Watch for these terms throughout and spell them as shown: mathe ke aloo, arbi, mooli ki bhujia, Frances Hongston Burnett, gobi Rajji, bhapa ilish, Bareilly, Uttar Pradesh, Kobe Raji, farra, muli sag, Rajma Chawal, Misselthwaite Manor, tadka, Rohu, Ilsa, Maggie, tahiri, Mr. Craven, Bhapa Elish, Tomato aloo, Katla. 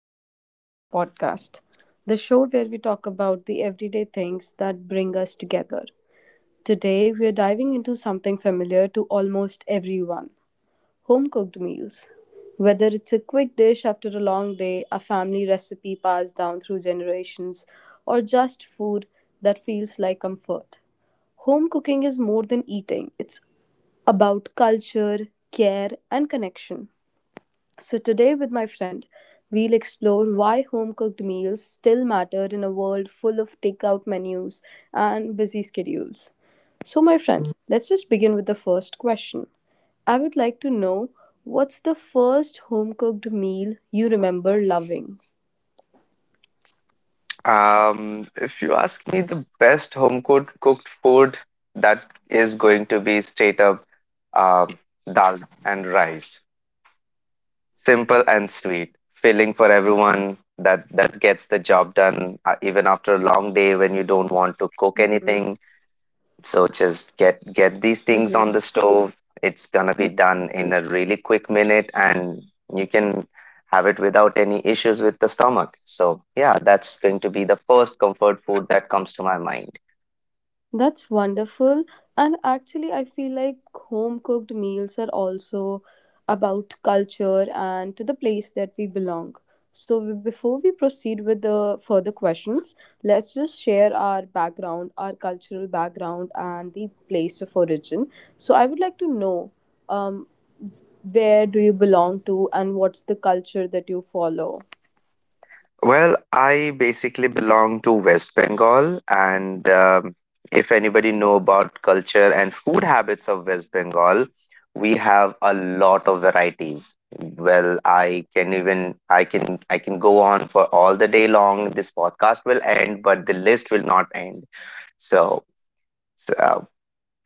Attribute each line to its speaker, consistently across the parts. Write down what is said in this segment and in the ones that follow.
Speaker 1: Home Cooked Meals podcast, the show where we talk about the everyday things that bring us together. Today, we're diving into something familiar to almost everyone home cooked meals. Whether it's a quick dish after a long day, a family recipe passed down through generations, or just food that feels like comfort, home cooking is more than eating, it's about culture, care, and connection. So, today with my friend, we'll explore why home cooked meals still matter in a world full of takeout menus and busy schedules. So, my friend, let's just begin with the first question. I would like to know what's the first home cooked meal you remember loving?
Speaker 2: If you ask me, the best home cooked food that is going to be straight up um, dal and rice. Simple and sweet, filling for everyone. That gets the job done, even after a long day when you don't want to cook
Speaker 1: Mm-hmm.
Speaker 2: anything. So just get these things on the stove. It's gonna be done in a really quick minute, and you can have it without any issues with the stomach. So yeah, that's going to be the first comfort food that comes to my mind.
Speaker 1: That's wonderful. And actually, I feel like home cooked meals are also about culture and to the place that we belong. So, before we proceed with the further questions, let's just share our background, our cultural background, and the place of origin. So, I would like to know um, where do you belong to and what's the culture that you follow?
Speaker 2: Well, I basically belong to West Bengal, and if anybody know about culture and food habits of West Bengal, we have a lot of varieties. Well, I can even I can go on for all the day long. This podcast will end, but the list will not end. So, so,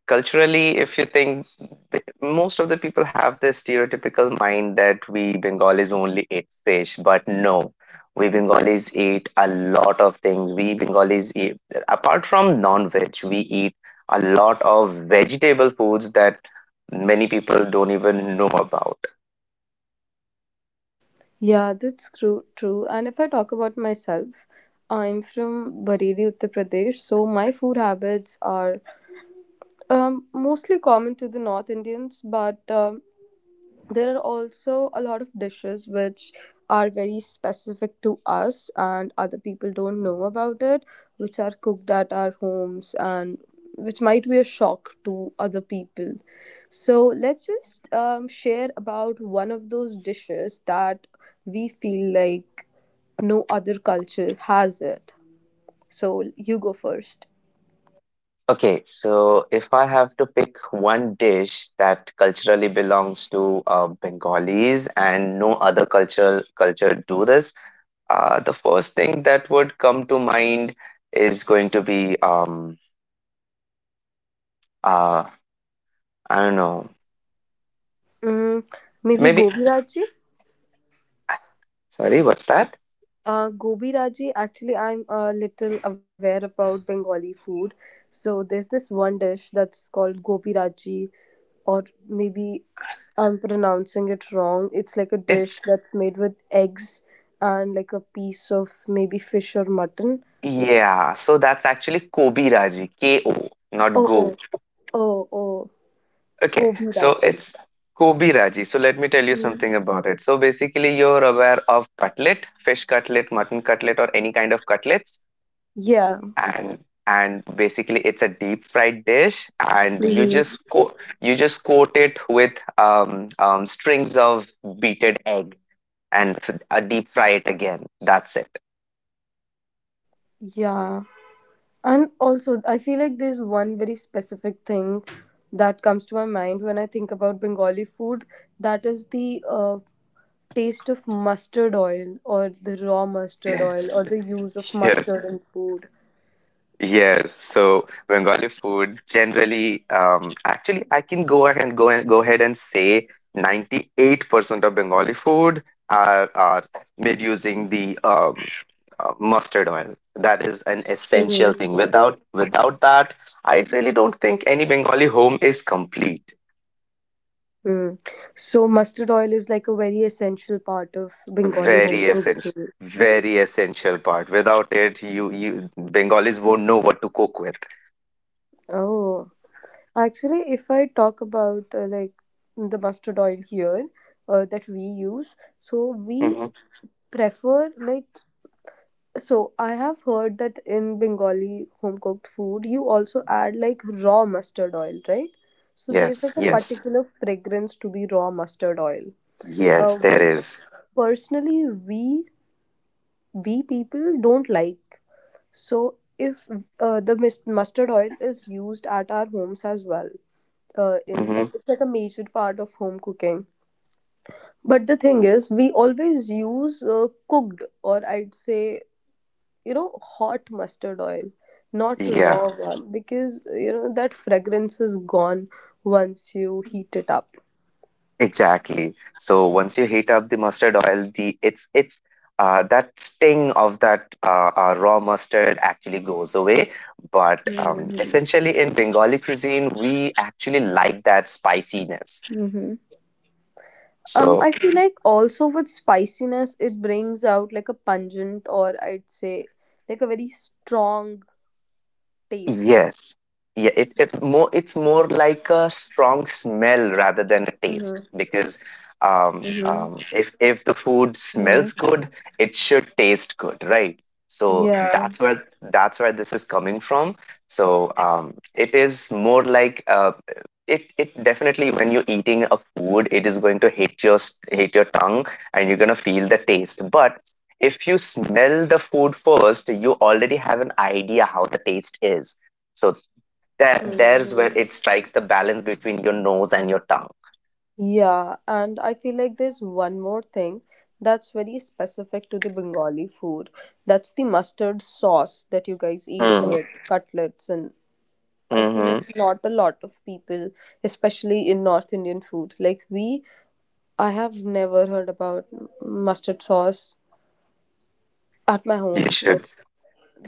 Speaker 2: culturally, if you think most of the people have this stereotypical mind that we Bengalis only eat fish, but no, we Bengalis eat a lot of things. We Bengalis eat, apart from non-veg, we eat a lot of vegetable foods that many people don't even know about.
Speaker 1: Yeah, that's true. True. And if I talk about myself, I'm from Bareilly, Uttar Pradesh, so my food habits are mostly common to the North Indians, but there are also a lot of dishes which are very specific to us and other people don't know about it, which are cooked at our homes and which might be a shock to other people. So let's just share about one of those dishes that we feel like no other culture has it. So you go first.
Speaker 2: Okay, so if I have to pick one dish that culturally belongs to Bengalis and no other cultural culture do this, the first thing that would come to mind is going to be uh I don't know,
Speaker 1: Mm, maybe
Speaker 2: maybe.
Speaker 1: gobi Rajji?
Speaker 2: Sorry, what's that?
Speaker 1: Gobi Raji, actually, I'm a little aware about Bengali food. So there's this one dish that's called gobi Raji, or maybe I'm pronouncing it wrong. It's like a
Speaker 2: It's
Speaker 1: dish that's made with eggs and like a piece of maybe fish or mutton.
Speaker 2: Yeah, so that's actually Kobe Raji, K O not
Speaker 1: Oh,
Speaker 2: Go.
Speaker 1: oh, oh, oh,
Speaker 2: Okay,
Speaker 1: gobi
Speaker 2: so
Speaker 1: Raji.
Speaker 2: it's Kobe Raji. So let me tell you
Speaker 1: Mm.
Speaker 2: something about it. So basically you're aware of cutlet, fish cutlet, mutton cutlet or any kind of cutlets.
Speaker 1: Yeah,
Speaker 2: and and basically it's a deep fried dish and
Speaker 1: hmm
Speaker 2: you just coat it with strings of beaten egg and deep fry it again, that's it.
Speaker 1: yeah. And also, I feel like there's one very specific thing that comes to my mind when I think about Bengali food. That is the taste of mustard oil, or the raw mustard oil,
Speaker 2: yes
Speaker 1: or the use of
Speaker 2: yes
Speaker 1: mustard in food.
Speaker 2: Yes, so Bengali food generally, actually, I can go ahead and go ahead and say 98% of Bengali food are made using the mustard oil. That is an essential thing.
Speaker 1: Mm-hmm.
Speaker 2: Without that, I really don't think any Bengali home is complete.
Speaker 1: Mm. So, mustard oil is like a very essential part of Bengali home
Speaker 2: Very
Speaker 1: cooked
Speaker 2: essential,
Speaker 1: food.
Speaker 2: very essential part. Without it, you Bengalis won't know what to cook with.
Speaker 1: Oh, actually, if I talk about like the mustard oil here that we use, so we
Speaker 2: Mhm.
Speaker 1: prefer so I have heard that in Bengali home cooked food, you also add like raw mustard oil, right? So there's
Speaker 2: Yes,
Speaker 1: like a
Speaker 2: yes,
Speaker 1: particular fragrance to be raw mustard oil,
Speaker 2: yes. There
Speaker 1: which
Speaker 2: is.
Speaker 1: personally we people don't like. So if the mustard oil is used at our homes as well, in
Speaker 2: Mm-hmm.
Speaker 1: it's like a major part of home cooking. But the thing is, we always use cooked or I'd say you know hot mustard oil not
Speaker 2: Yeah,
Speaker 1: raw one because you know that fragrance is gone once you heat it up.
Speaker 2: exactly. So once you heat up the mustard oil, the it's that sting of that raw mustard actually goes away. But
Speaker 1: Mm-hmm.
Speaker 2: essentially, in Bengali cuisine, we actually like that spiciness.
Speaker 1: Mm-hmm. I
Speaker 2: So
Speaker 1: feel like also with spiciness it brings out like a pungent or I'd say like a very strong taste.
Speaker 2: Yes. Yeah, it's more like a strong smell rather than a taste
Speaker 1: Mm-hmm.
Speaker 2: because
Speaker 1: Mm-hmm.
Speaker 2: if the food
Speaker 1: Mm-hmm.
Speaker 2: smells good, it should taste good, right? So
Speaker 1: Yeah.
Speaker 2: that's where this is coming from. So it is more like, it it definitely, when you're eating a food, it is going to hit your hit your tongue and you're gonna feel the taste. But if you smell the food first, you already have an idea how the taste is. So that, there's where
Speaker 1: Mm-hmm.
Speaker 2: it strikes the balance between your nose and your tongue.
Speaker 1: Yeah, and I feel like there's one more thing that's very specific to the Bengali food. That's the mustard sauce that you guys eat
Speaker 2: Mm,
Speaker 1: with cutlets. And
Speaker 2: hmm
Speaker 1: I feel like
Speaker 2: Mm-hmm.
Speaker 1: not a lot of people, especially in North Indian food, like we, I have never heard about mustard sauce at my
Speaker 2: You
Speaker 1: home.
Speaker 2: should,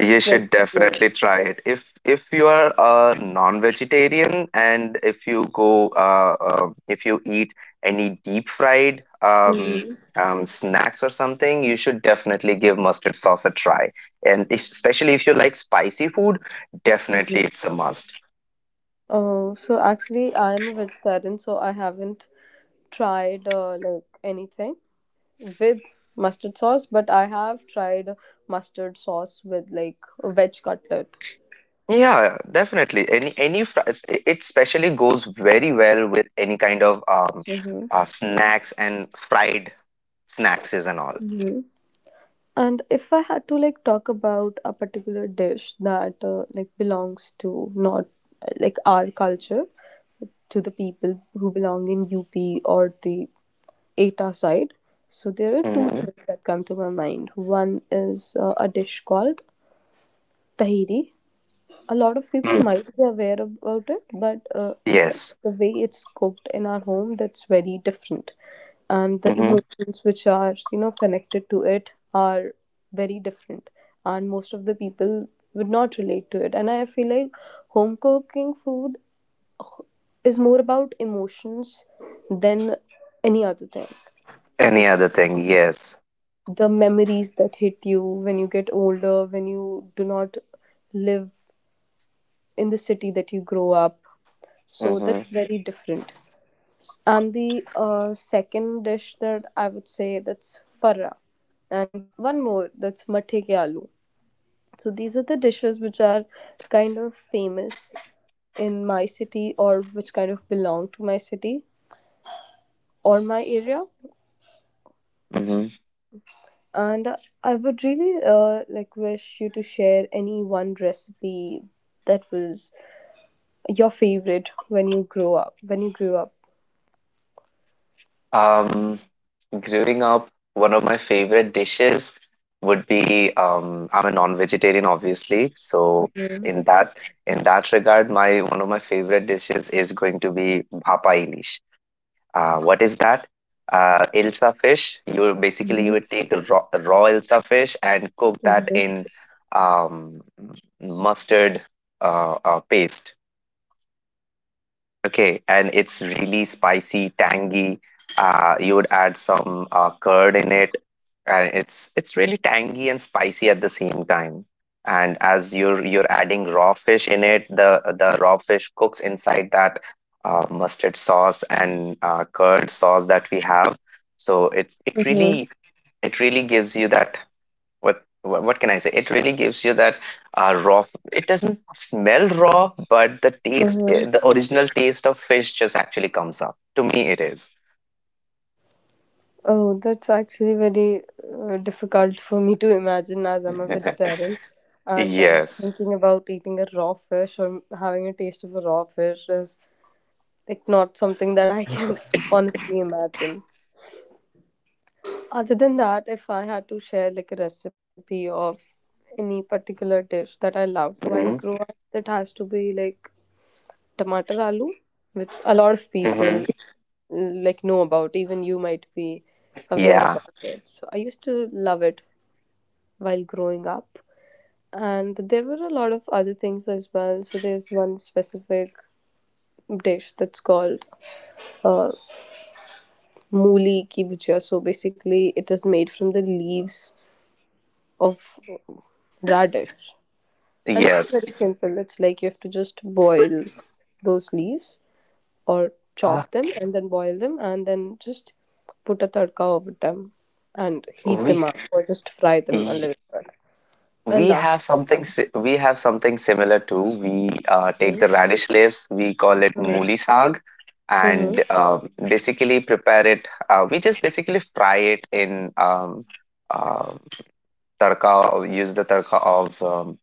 Speaker 2: you
Speaker 1: very
Speaker 2: should
Speaker 1: weird.
Speaker 2: definitely try it. If you are a non-vegetarian and if you go if you eat any deep fried
Speaker 1: Mm-hmm.
Speaker 2: snacks or something, you should definitely give mustard sauce a try. And if, especially if you like spicy food,
Speaker 1: Hmm.
Speaker 2: definitely it's a must.
Speaker 1: Oh, so actually, I'm a vegetarian, so I haven't tried like anything with mustard sauce, but I have tried mustard sauce with like a veg cutlet.
Speaker 2: Yeah, definitely. Any fr- s- I- it especially goes very well with any kind of
Speaker 1: Hmm.
Speaker 2: snacks and fried snacks and all.
Speaker 1: Hmm. And if I had to like talk about a particular dish that like belongs to not like our culture to the people who belong in UP or the ETA side, so there are two
Speaker 2: Mm-hmm.
Speaker 1: things that come to my mind. One is a dish called tahiri. A lot of people
Speaker 2: Mm.
Speaker 1: might be aware about it, but
Speaker 2: Yes.
Speaker 1: the way it's cooked in our home that's very different and the
Speaker 2: Mm-hmm.
Speaker 1: emotions which are you know connected to it are very different and most of the people would not relate to it and I feel like home cooking food is more about emotions than any other thing,
Speaker 2: Any
Speaker 1: like you
Speaker 2: other
Speaker 1: know,
Speaker 2: thing? Yes.
Speaker 1: the memories that hit you when you get older when you do not live in the city that you grow up, so
Speaker 2: Mm-hmm.
Speaker 1: that's very different. And the second dish that I would say that's farra, and one more that's mathe ke aloo. So these are the dishes which are kind of famous in my city or which kind of belong to my city or my area.
Speaker 2: Mm-hmm.
Speaker 1: And I would really like wish you to share any one recipe that was your favorite when you grow up. When you grew up.
Speaker 2: Um, growing up, one of my favorite dishes would be, I'm a non-vegetarian, obviously. So
Speaker 1: Mhm,
Speaker 2: in that in that regard, my one of my favorite dishes is going to be bhapa ilish. What is that? Ilsa fish. You
Speaker 1: mhm,
Speaker 2: would take raw, raw Ilsa fish and cook that
Speaker 1: mhm,
Speaker 2: in um, mustard, paste. Okay, and it's really spicy, tangy. You would add some curd in it, and it's really tangy and spicy at the same time. And as you're adding raw fish in it, the raw fish cooks inside that mustard sauce and curd sauce that we have. So it's it
Speaker 1: mhm,
Speaker 2: really it really gives you that, what can I say? It really gives you that, raw. It doesn't smell raw, but the taste,
Speaker 1: mhm.
Speaker 2: the original taste of fish just actually comes up. To me, it is.
Speaker 1: Oh, that's actually very difficult for me to imagine as I'm a vegetarian. And like,
Speaker 2: Yes.
Speaker 1: thinking about eating a raw fish or having a taste of a raw fish is like not something that I can honestly imagine. Other than that, if I had to share like a recipe of any particular dish that I loved while
Speaker 2: hmm
Speaker 1: growing up, that has to be like tomato aloo, which a lot of
Speaker 2: hmm
Speaker 1: people like know about. Even you might be aware
Speaker 2: Yeah.
Speaker 1: about it. So I used to love it while growing up. And there were a lot of other things as well. So there's one specific dish that's called uh, mooli ki bhujia. So basically, it is made from the leaves of radish, and it's
Speaker 2: Yes.
Speaker 1: very simple. It's like you have to just boil those leaves or
Speaker 2: Uh,
Speaker 1: chop them and then boil them and then just put a tadka over them and heat
Speaker 2: we
Speaker 1: them up or just fry them a
Speaker 2: y-
Speaker 1: little bit. I
Speaker 2: we
Speaker 1: love.
Speaker 2: have we have something similar too. We take
Speaker 1: Mhm,
Speaker 2: the radish leaves. We call it muli
Speaker 1: mhm,
Speaker 2: sag,
Speaker 1: mhm,
Speaker 2: and basically prepare it. We just basically fry it in uh, tadka, use the tadka of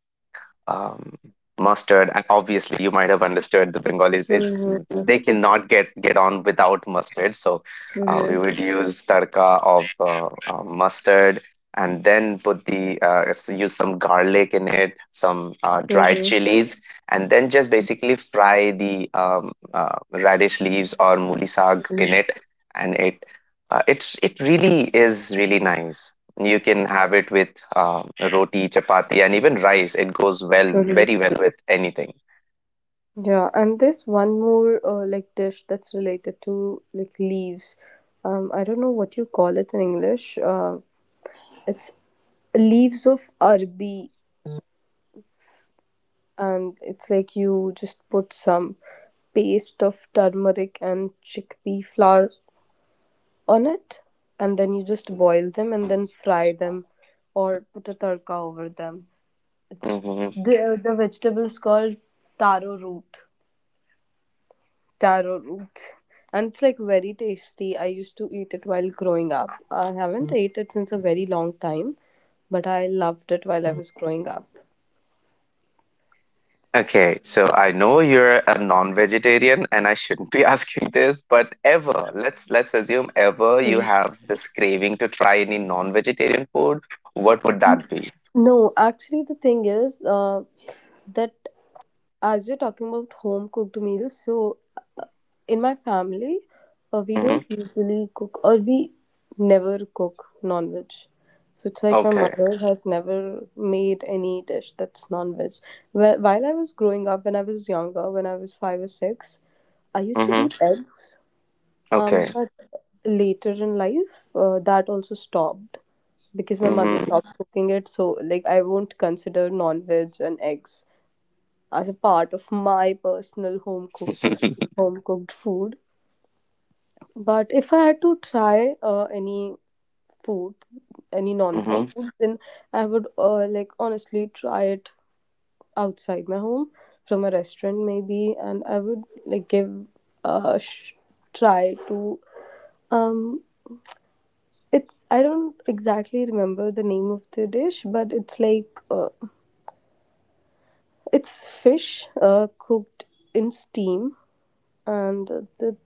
Speaker 2: um, mustard. And obviously, you might have understood the Bengalis is
Speaker 1: mhm,
Speaker 2: they cannot get on without mustard. So we
Speaker 1: mhm,
Speaker 2: would use tadka of mustard and then put the use some garlic in it, some dried
Speaker 1: mhm,
Speaker 2: chilies, and then just basically fry the radish leaves or muli sag in
Speaker 1: mhm,
Speaker 2: it, and it really is really nice. You can have it with roti, chapati, and even rice. It goes well,
Speaker 1: mhm.
Speaker 2: very well with anything.
Speaker 1: Yeah, and there's one more like dish that's related to like leaves. I don't know what you call it in English. It's leaves of arbi and it's like you just put some paste of turmeric and chickpea flour on it and then you just boil them and then fry them or put a tadka over them it's
Speaker 2: Hmm
Speaker 1: The, the vegetable is called taro root. taro root and it's like very tasty. I used to eat it while growing up. I haven't Mm. ate it since a very long time, but I loved it while I was growing up.
Speaker 2: Okay, so I know you're a non-vegetarian, and I shouldn't be asking this, but ever, let's assume ever you
Speaker 1: Mhm.
Speaker 2: have this craving to try any non-vegetarian food, what would that be?
Speaker 1: No, actually the thing is that as you're talking about home cooked meals, so uh, in my family, we
Speaker 2: Hmm
Speaker 1: don't usually cook or we never cook non veg. So it's like my
Speaker 2: Okay.
Speaker 1: mother has never made any dish that's non veg. Well, while I was growing up, when I was younger, when I was five or six, I used to
Speaker 2: hmm
Speaker 1: eat eggs.
Speaker 2: Okay.
Speaker 1: But later in life, that also stopped because my mother
Speaker 2: hmm
Speaker 1: stopped cooking it. So like I won't consider non veg and eggs as a part of my personal home cooked home cooked food. But if I had to try any food, any non-veg
Speaker 2: hmm
Speaker 1: food, then I would like honestly try it outside my home from a restaurant maybe, and I would like give a sh- try to um. It's I don't exactly remember the name of the dish, but it's like it's fish cooked in steam, and the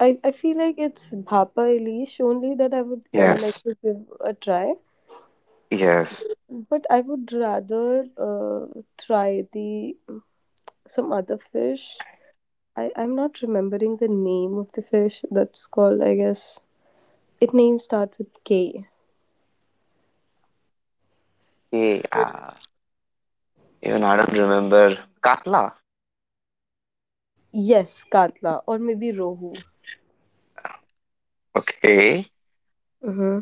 Speaker 1: I feel like it's Bhapa Elish only that I would like
Speaker 2: Yes.
Speaker 1: to give a try.
Speaker 2: Yes.
Speaker 1: But I would rather try the some other fish. I'm not remembering the name of the fish that's called, I guess. It name start with K.
Speaker 2: Yeah. Even I don't remember. Katla.
Speaker 1: Yes, Katla or maybe Rohu.
Speaker 2: Okay.
Speaker 1: Mm-hmm.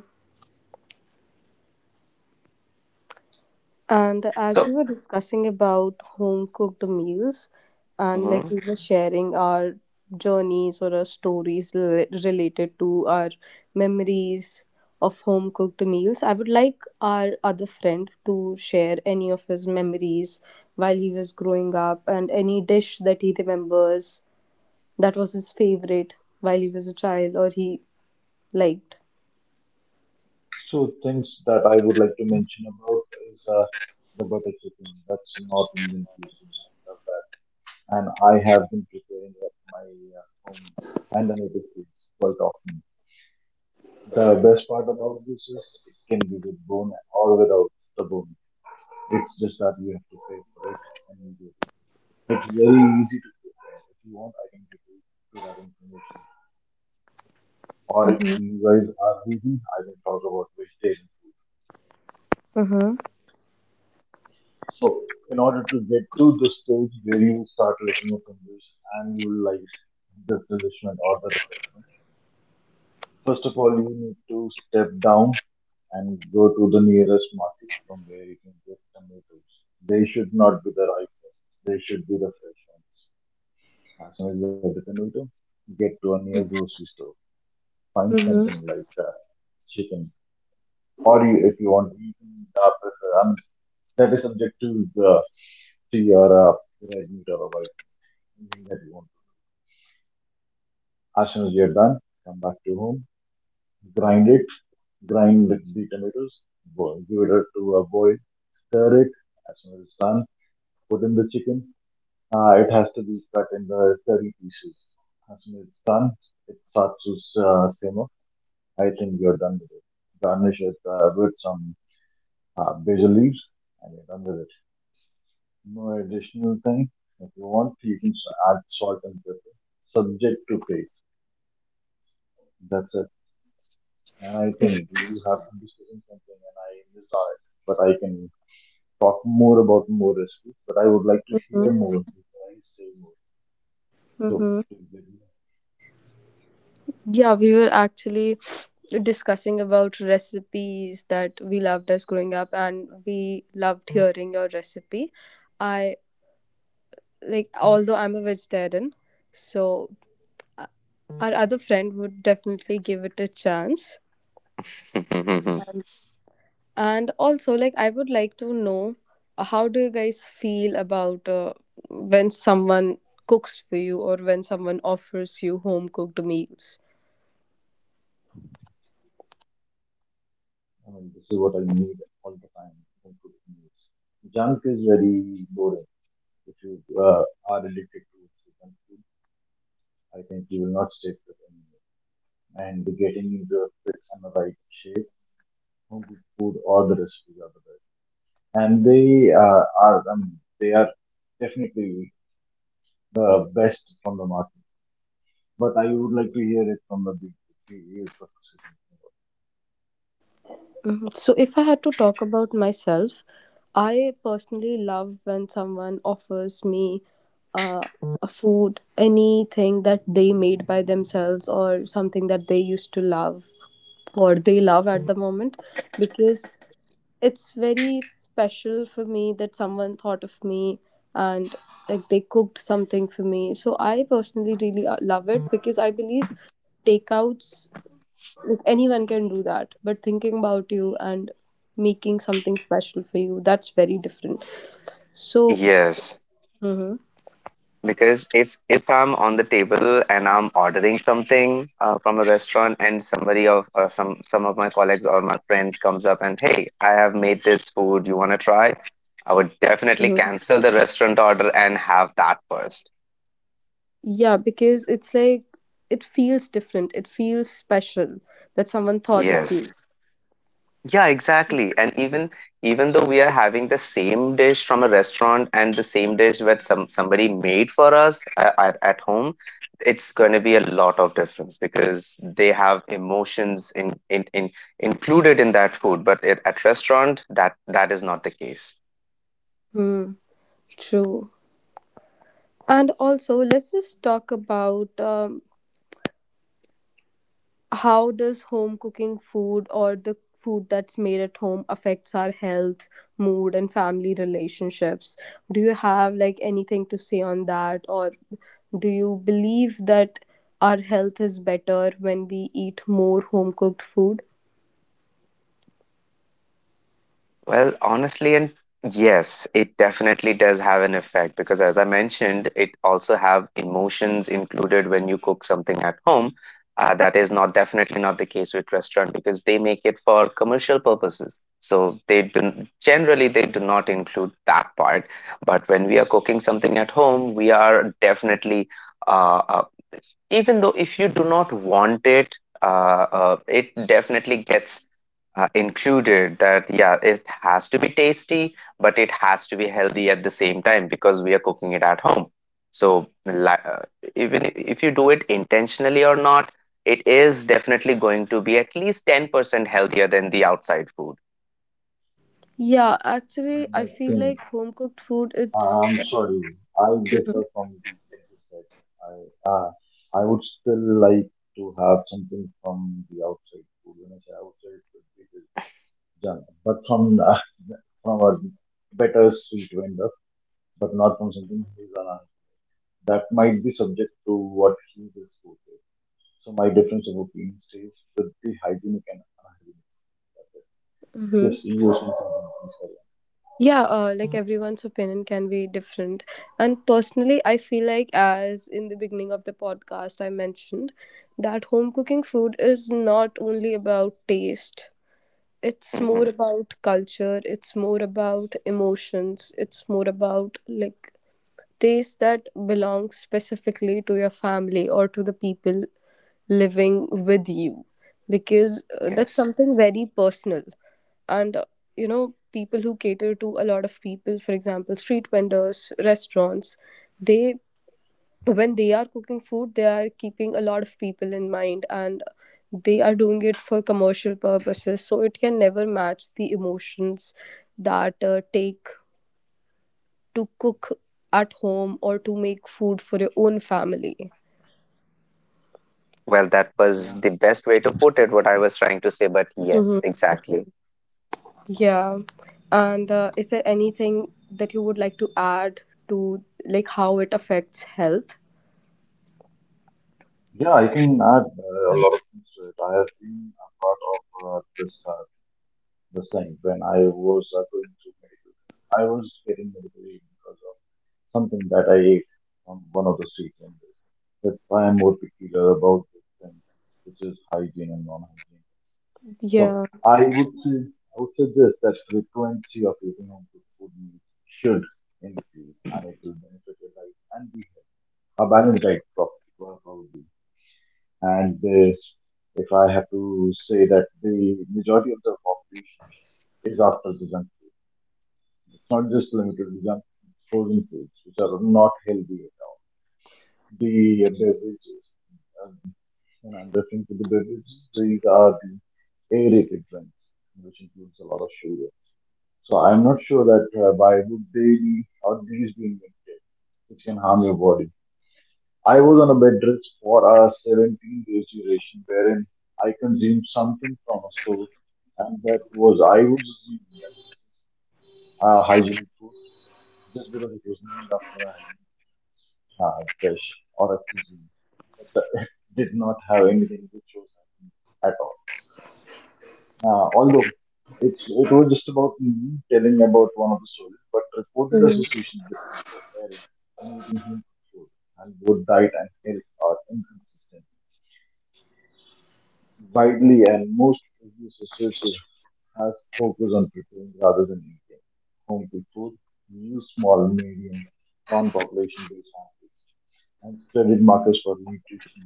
Speaker 1: And as
Speaker 2: So.
Speaker 1: we were discussing about home cooked meals, and
Speaker 2: Mm-hmm.
Speaker 1: like we were sharing our journeys or our stories related to our memories of home cooked meals, I would like our other friend to share any of his memories while he was growing up and any dish that he remembers that was his favorite while he was a child or he liked.
Speaker 3: So things that I would like to mention about is the butter chicken. That's North Indian cuisine. I love that, and I have been preparing at my home and the native place quite often. The best part about this is it can be with bone or without the bone. It's just that you have to pay for it and you get it. It's very easy to prepare. If you want, I can give you to that information. Or if
Speaker 1: Mm-hmm.
Speaker 3: you guys are vegan, I can talk about vegetarian food.
Speaker 1: Mm-hmm.
Speaker 3: So, in order to get to the stage where you start licking your fingers and you like the delishment or the refreshment, first of all, you need to step down and go to the nearest market from where you can get tomatoes. They should not be the ripe ones, they should be the fresh ones. As soon as you get the tomato, get to a near grocery store, find something
Speaker 1: Mm-hmm.
Speaker 3: like chicken, or you, if you want, you can prefer. I mean, that is subject to the to your red meat or a white engine that you want to. As soon as you're done, come back to home, grind it, grind the tomatoes, boil, give it a, to a boil, stir it. As soon as it's done, put in the chicken. It has to be cut in the curry pieces. As soon as it's done, it starts to simmer. I think you're done with it. Garnish it with some basil leaves, and you're done with it. No additional thing. If you want, you can add salt and pepper, subject to taste. That's it. And I think you have been discussing something and I missed on it, but I can talk more about more recipes, but I would like to hear more before I say more. So,
Speaker 1: Mm-hmm.
Speaker 3: I
Speaker 1: Yeah, we were actually discussing about recipes that we loved as growing up and we loved hearing your recipe. I like although I'm a vegetarian, so uh, our other friend would definitely give it a chance. And also like I would like to know how do you guys feel about when someone cooks for you or when someone offers you home cooked meals?
Speaker 3: mean, this is what I need all the time in cooking meals. Junk is very boring. If you are addicted to junk food, I think you will not stick with anymore. And getting into a fit and the right shape, home cooked food or the recipes are the best. And they are, I mean, they are definitely the best from the market. But I would like to hear it from the big 3 years of succession.
Speaker 1: Mhm. So, if I had to talk about myself, I personally love when someone offers me uh, a food, anything that they made by themselves or something that they used to love or they love at the moment because it's very special for me that someone thought of me and like they cooked something for me. So, I personally really love it because I believe takeouts, like anyone can do that, but thinking about you and making something special for you, that's very different. So,
Speaker 2: Yes,
Speaker 1: mhm,
Speaker 2: because if I'm on the table and I'm ordering something from a restaurant and some of my colleagues or my friends comes up and hey, I have made this food, you want to try? I would
Speaker 1: mhm.
Speaker 2: definitely cancel the restaurant order and have that first.
Speaker 1: yeah, because it's like it feels different. It feels special that someone thought of
Speaker 2: Yes.
Speaker 1: you.
Speaker 2: Yeah, exactly. And even though we are having the same dish from a restaurant and the same dish that somebody made for us at, at home, it's going to be a lot of difference because they have emotions in included in that food. But at restaurant, that is not the case.
Speaker 1: Hmm, true. And also, let's just talk about how does home cooking food or the food that's made at home affects our health, mood, and family relationships? Do you have like anything to say on that, or do you believe that our health is better when we eat more home cooked food?
Speaker 2: Well, honestly, and yes, it definitely does have an effect because, as I mentioned, it also have emotions included when you cook something at home. That is not definitely not the case with restaurant because they make it for commercial purposes. So they do, generally they do not include that part. But when we are cooking something at home, we are definitely, uh, uh, even though if you do not want it, it definitely gets included that yeah, it has to be tasty but it has to be healthy at the same time because we are cooking it at home. so li- uh, Even if you do it intentionally or not, it is definitely going to be at least 10% healthier than the outside food.
Speaker 1: Yeah, actually,
Speaker 3: And
Speaker 1: I
Speaker 3: I
Speaker 1: feel
Speaker 3: think
Speaker 1: like home cooked food, it's.
Speaker 3: I'm sorry, I differ from what you said. I uh, I would still like to have something from the outside food. When I say outside food, it is junk, but from from a better street vendor, but not from something who's on a that might be subject to what he just quoted. So my difference of opinion stays with the hygienic and unhygienic. That's it. Yes,
Speaker 1: Mhm.
Speaker 3: you were saying something. I'm sorry.
Speaker 1: Yeah, like everyone's opinion can be different, and personally I feel like, as in the beginning of the podcast I mentioned, that home cooking food is not only about taste, it's
Speaker 2: Hmm
Speaker 1: more about culture, it's more about emotions, it's more about like taste that belongs specifically to your family or to the people living with you, because that's
Speaker 2: yes
Speaker 1: something very personal. And you know, people who cater to a lot of people, for example street vendors, restaurants, they, when they are cooking food they are keeping a lot of people in mind, and they are doing it for commercial purposes, so it can never match the emotions that take to cook at home or to make food for your own family.
Speaker 2: Well, that was
Speaker 3: Yeah,
Speaker 2: the best way to put it, what I was trying to say, but yes, exactly.
Speaker 1: Yeah. And is there anything that you would like to add to, like, how it affects health?
Speaker 3: yeah, I can add a lot of things to it. I have been a part of uh, this uh, this thing when I was going through medical. I was getting medical aid because of something that I ate on one of the street vendors. That's why I'm more particular about this thing, which is hygiene and non-hygiene. So
Speaker 1: Yeah.
Speaker 3: I would say I would say this that frequency of eating home cooked food meals should increase and it will benefit your life and be a balanced diet probably. And this, if I have to say that the majority of the population is after the junk food. It's not just limited to junk frozen foods, which are not healthy at all. The beverages, um, when I'm referring to the beverages, these are the aerated drinks, which includes a lot of sugar. So I'm not sure that why would they be or these be invented, which can harm your body. I was on a bed rest for a 17 days duration, wherein I consumed something from a store, and that was I was assuming that hygienic food just because it was named after a hygienic dish or a cuisine, but it did not have anything which was hygienic at all. Although it was just about me telling about one of the stories, but reported
Speaker 1: Hmm.
Speaker 3: associations between preparing and eating home cooked food and both diet and health are inconsistent widely, and most previous researchers has focused on preparing rather than eating home cooked food. Use small, medium, non-population based samples and studied markers for nutrition.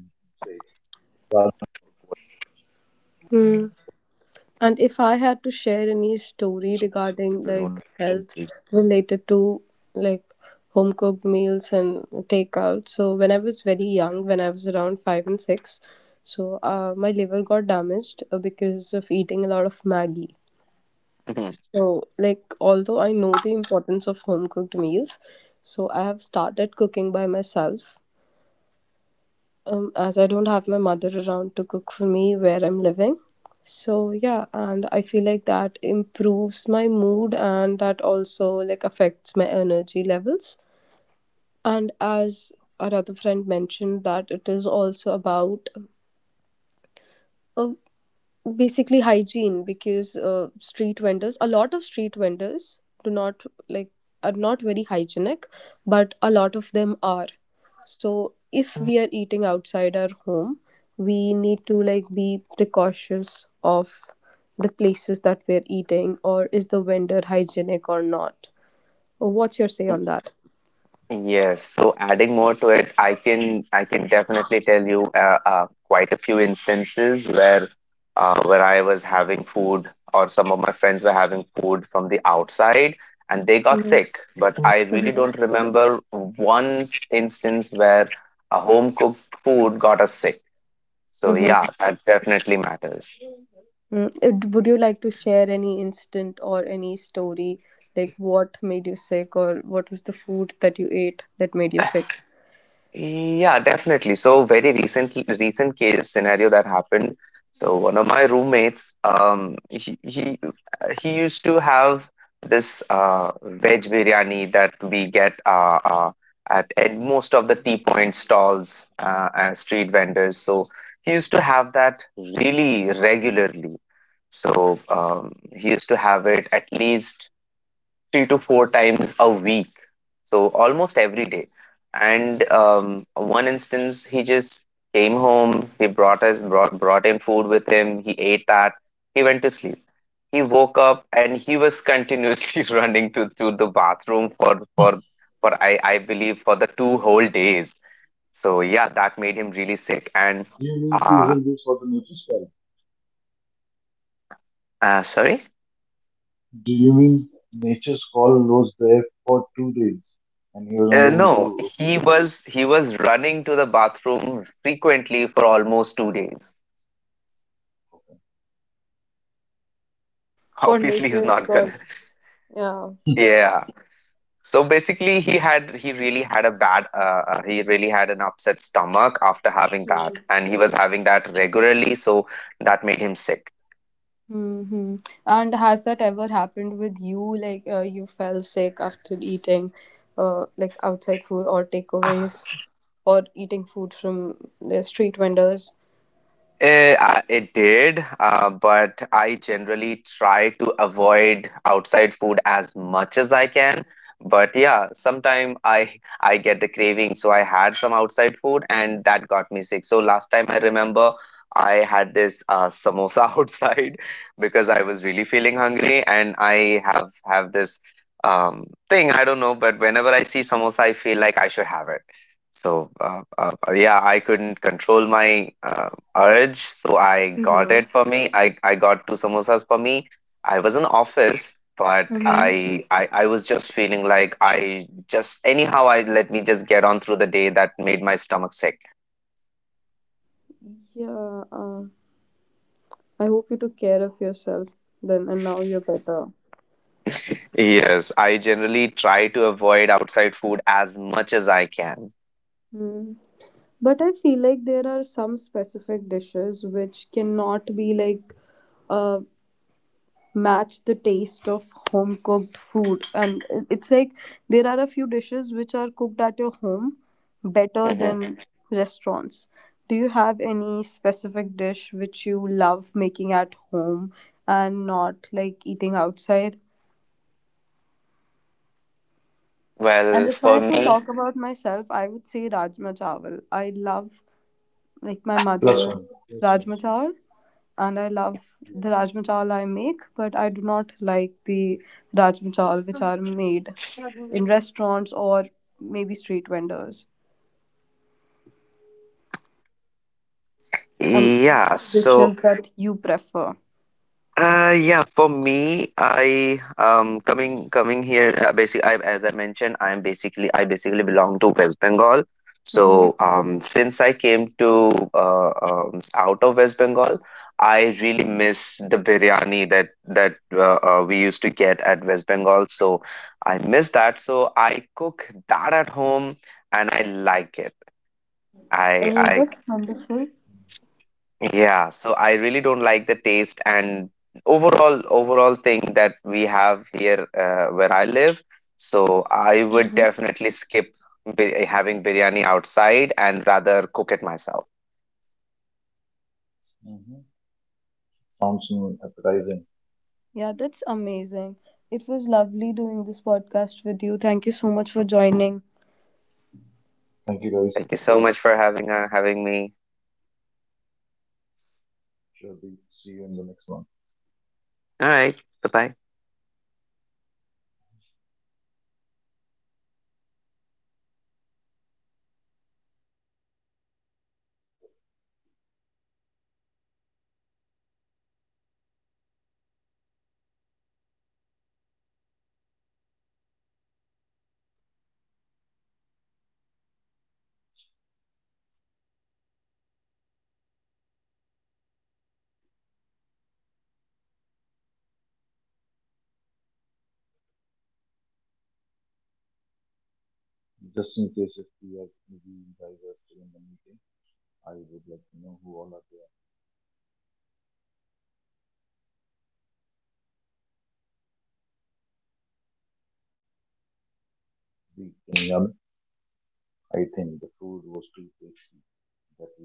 Speaker 1: Mm. And if I had to share any story regarding like health related to, like, home cooked meals and takeout. So when I was very young, when I was around five and six, so my liver got damaged because of eating a lot of Maggie. So, like, although I know the importance of home cooked meals, so I have started cooking by myself. As I don't have my mother around to cook for me where I'm living. So, yeah, and I feel like that improves my mood and that also like affects my energy levels. And as our other friend mentioned, that it is also about a, basically, hygiene, because street vendors, a lot of street vendors do not, like, are not very hygienic, but a lot of them are. So if we are eating outside our home, we need to, like, be precautious of the places that we're eating, or is the vendor hygienic or not. What's your say on that?
Speaker 2: Yes, so adding more to it, I can definitely tell you quite a few instances where I was having food or some of my friends were having food from the outside and they got sick. But I really don't remember one instance where a home cooked food got us sick. So yeah, that definitely matters.
Speaker 1: Mm. It, would you like to share any incident or any story? Like, what made you sick or what was the food that you ate that made you sick?
Speaker 2: Yeah, definitely. So very recent case scenario that happened. So one of my roommates, he used to have this veg biryani that we get at most of the tea point stalls and street vendors. So he used to have that really regularly. So he used to have it at least 3 to 4 times a week, so almost every day. And one instance, he just came home. He brought us brought brought in food with him. He ate that. He went to sleep. He woke up and he was continuously running to the bathroom for I believe for the 2 whole days. So yeah, that made him really sick. And
Speaker 3: Do you mean to
Speaker 2: uh,
Speaker 3: hold this for the nature's call?
Speaker 2: sorry.
Speaker 3: Do you mean nature's call was there for 2 days and he was not able to
Speaker 2: No, he
Speaker 3: do that
Speaker 2: was running to the bathroom frequently for almost 2 days.
Speaker 3: for.
Speaker 1: For
Speaker 2: obviously he's
Speaker 1: nature's
Speaker 2: not
Speaker 3: So,
Speaker 2: gonna
Speaker 1: God. Yeah.
Speaker 3: um,
Speaker 2: yeah, so basically he really had a bad, he really had an upset stomach after having that and he was having that regularly, so that made him sick.
Speaker 1: Mm-hmm. And has that ever happened with you? Like, you fell sick after eating, like, outside food or
Speaker 2: Ah,
Speaker 1: takeaways, or eating food from the street vendors?
Speaker 2: It did, but I generally try to avoid outside food as much as I can. But yeah, sometime I get the craving, so I had some outside food and that got me sick. So last time I remember I had this samosa outside because I was really feeling hungry, and I have this thing, I don't know, but whenever I see samosa, I feel like I should have it. So yeah, I couldn't control my urge. So I got
Speaker 1: Mm-hmm.
Speaker 2: it for me. I got 2 samosas for me. I was in office, but
Speaker 1: Mm-hmm.
Speaker 2: I was just feeling like I just anyhow, I let me just get on through the day. That made my stomach sick.
Speaker 1: Yeah. I hope you took care of yourself then, and now you're better.
Speaker 2: Yes, I generally try to avoid outside food as much as I can.
Speaker 1: Mm. But I feel like there are some specific dishes which cannot be, like, uh, match the taste of home cooked food. And it's like there are a few dishes which are cooked at your home better
Speaker 2: Hmm
Speaker 1: than restaurants. Do you have any specific dish which you love making at home and not like eating outside? And
Speaker 2: Well,
Speaker 1: if I
Speaker 2: for
Speaker 1: had to
Speaker 2: me,
Speaker 1: talk about myself, I would say Rajma Chawal. I love, like, my
Speaker 3: plus
Speaker 1: mother
Speaker 3: one. Plus one.
Speaker 1: rajma chawal, and I love the
Speaker 3: Yes.
Speaker 1: rajma chawal I make, but I do not like the rajma chawal which are made in restaurants or maybe street vendors. And what
Speaker 2: yeah.
Speaker 1: are the
Speaker 2: So,
Speaker 1: dishes that you prefer?
Speaker 2: uh, yeah, for me, I coming here. Basically, as I mentioned, I basically belong to West Bengal.
Speaker 1: Mm-hmm.
Speaker 2: So since I came to, out of West Bengal, I really miss the biryani that we used to get at West Bengal. So I miss that. So I cook that at home, and I like it.
Speaker 1: Oh,
Speaker 2: I
Speaker 1: that's wonderful.
Speaker 2: Yeah, so I really don't like the taste and overall thing that we have here, where I live. So I would definitely skip having biryani outside and rather cook it myself.
Speaker 3: Hmm. Sounds mm, appetizing.
Speaker 1: Yeah, that's amazing. It was lovely doing this podcast with you. Thank you so much for joining.
Speaker 3: Thank you guys.
Speaker 2: Thank you so much for having, having me.
Speaker 3: Sure, we see you in the next one.
Speaker 2: All right, bye bye.
Speaker 3: Just in case if we are, maybe you guys are still in the meeting, I would like to know who all are there. We can hear me. I think the food was too tasty that we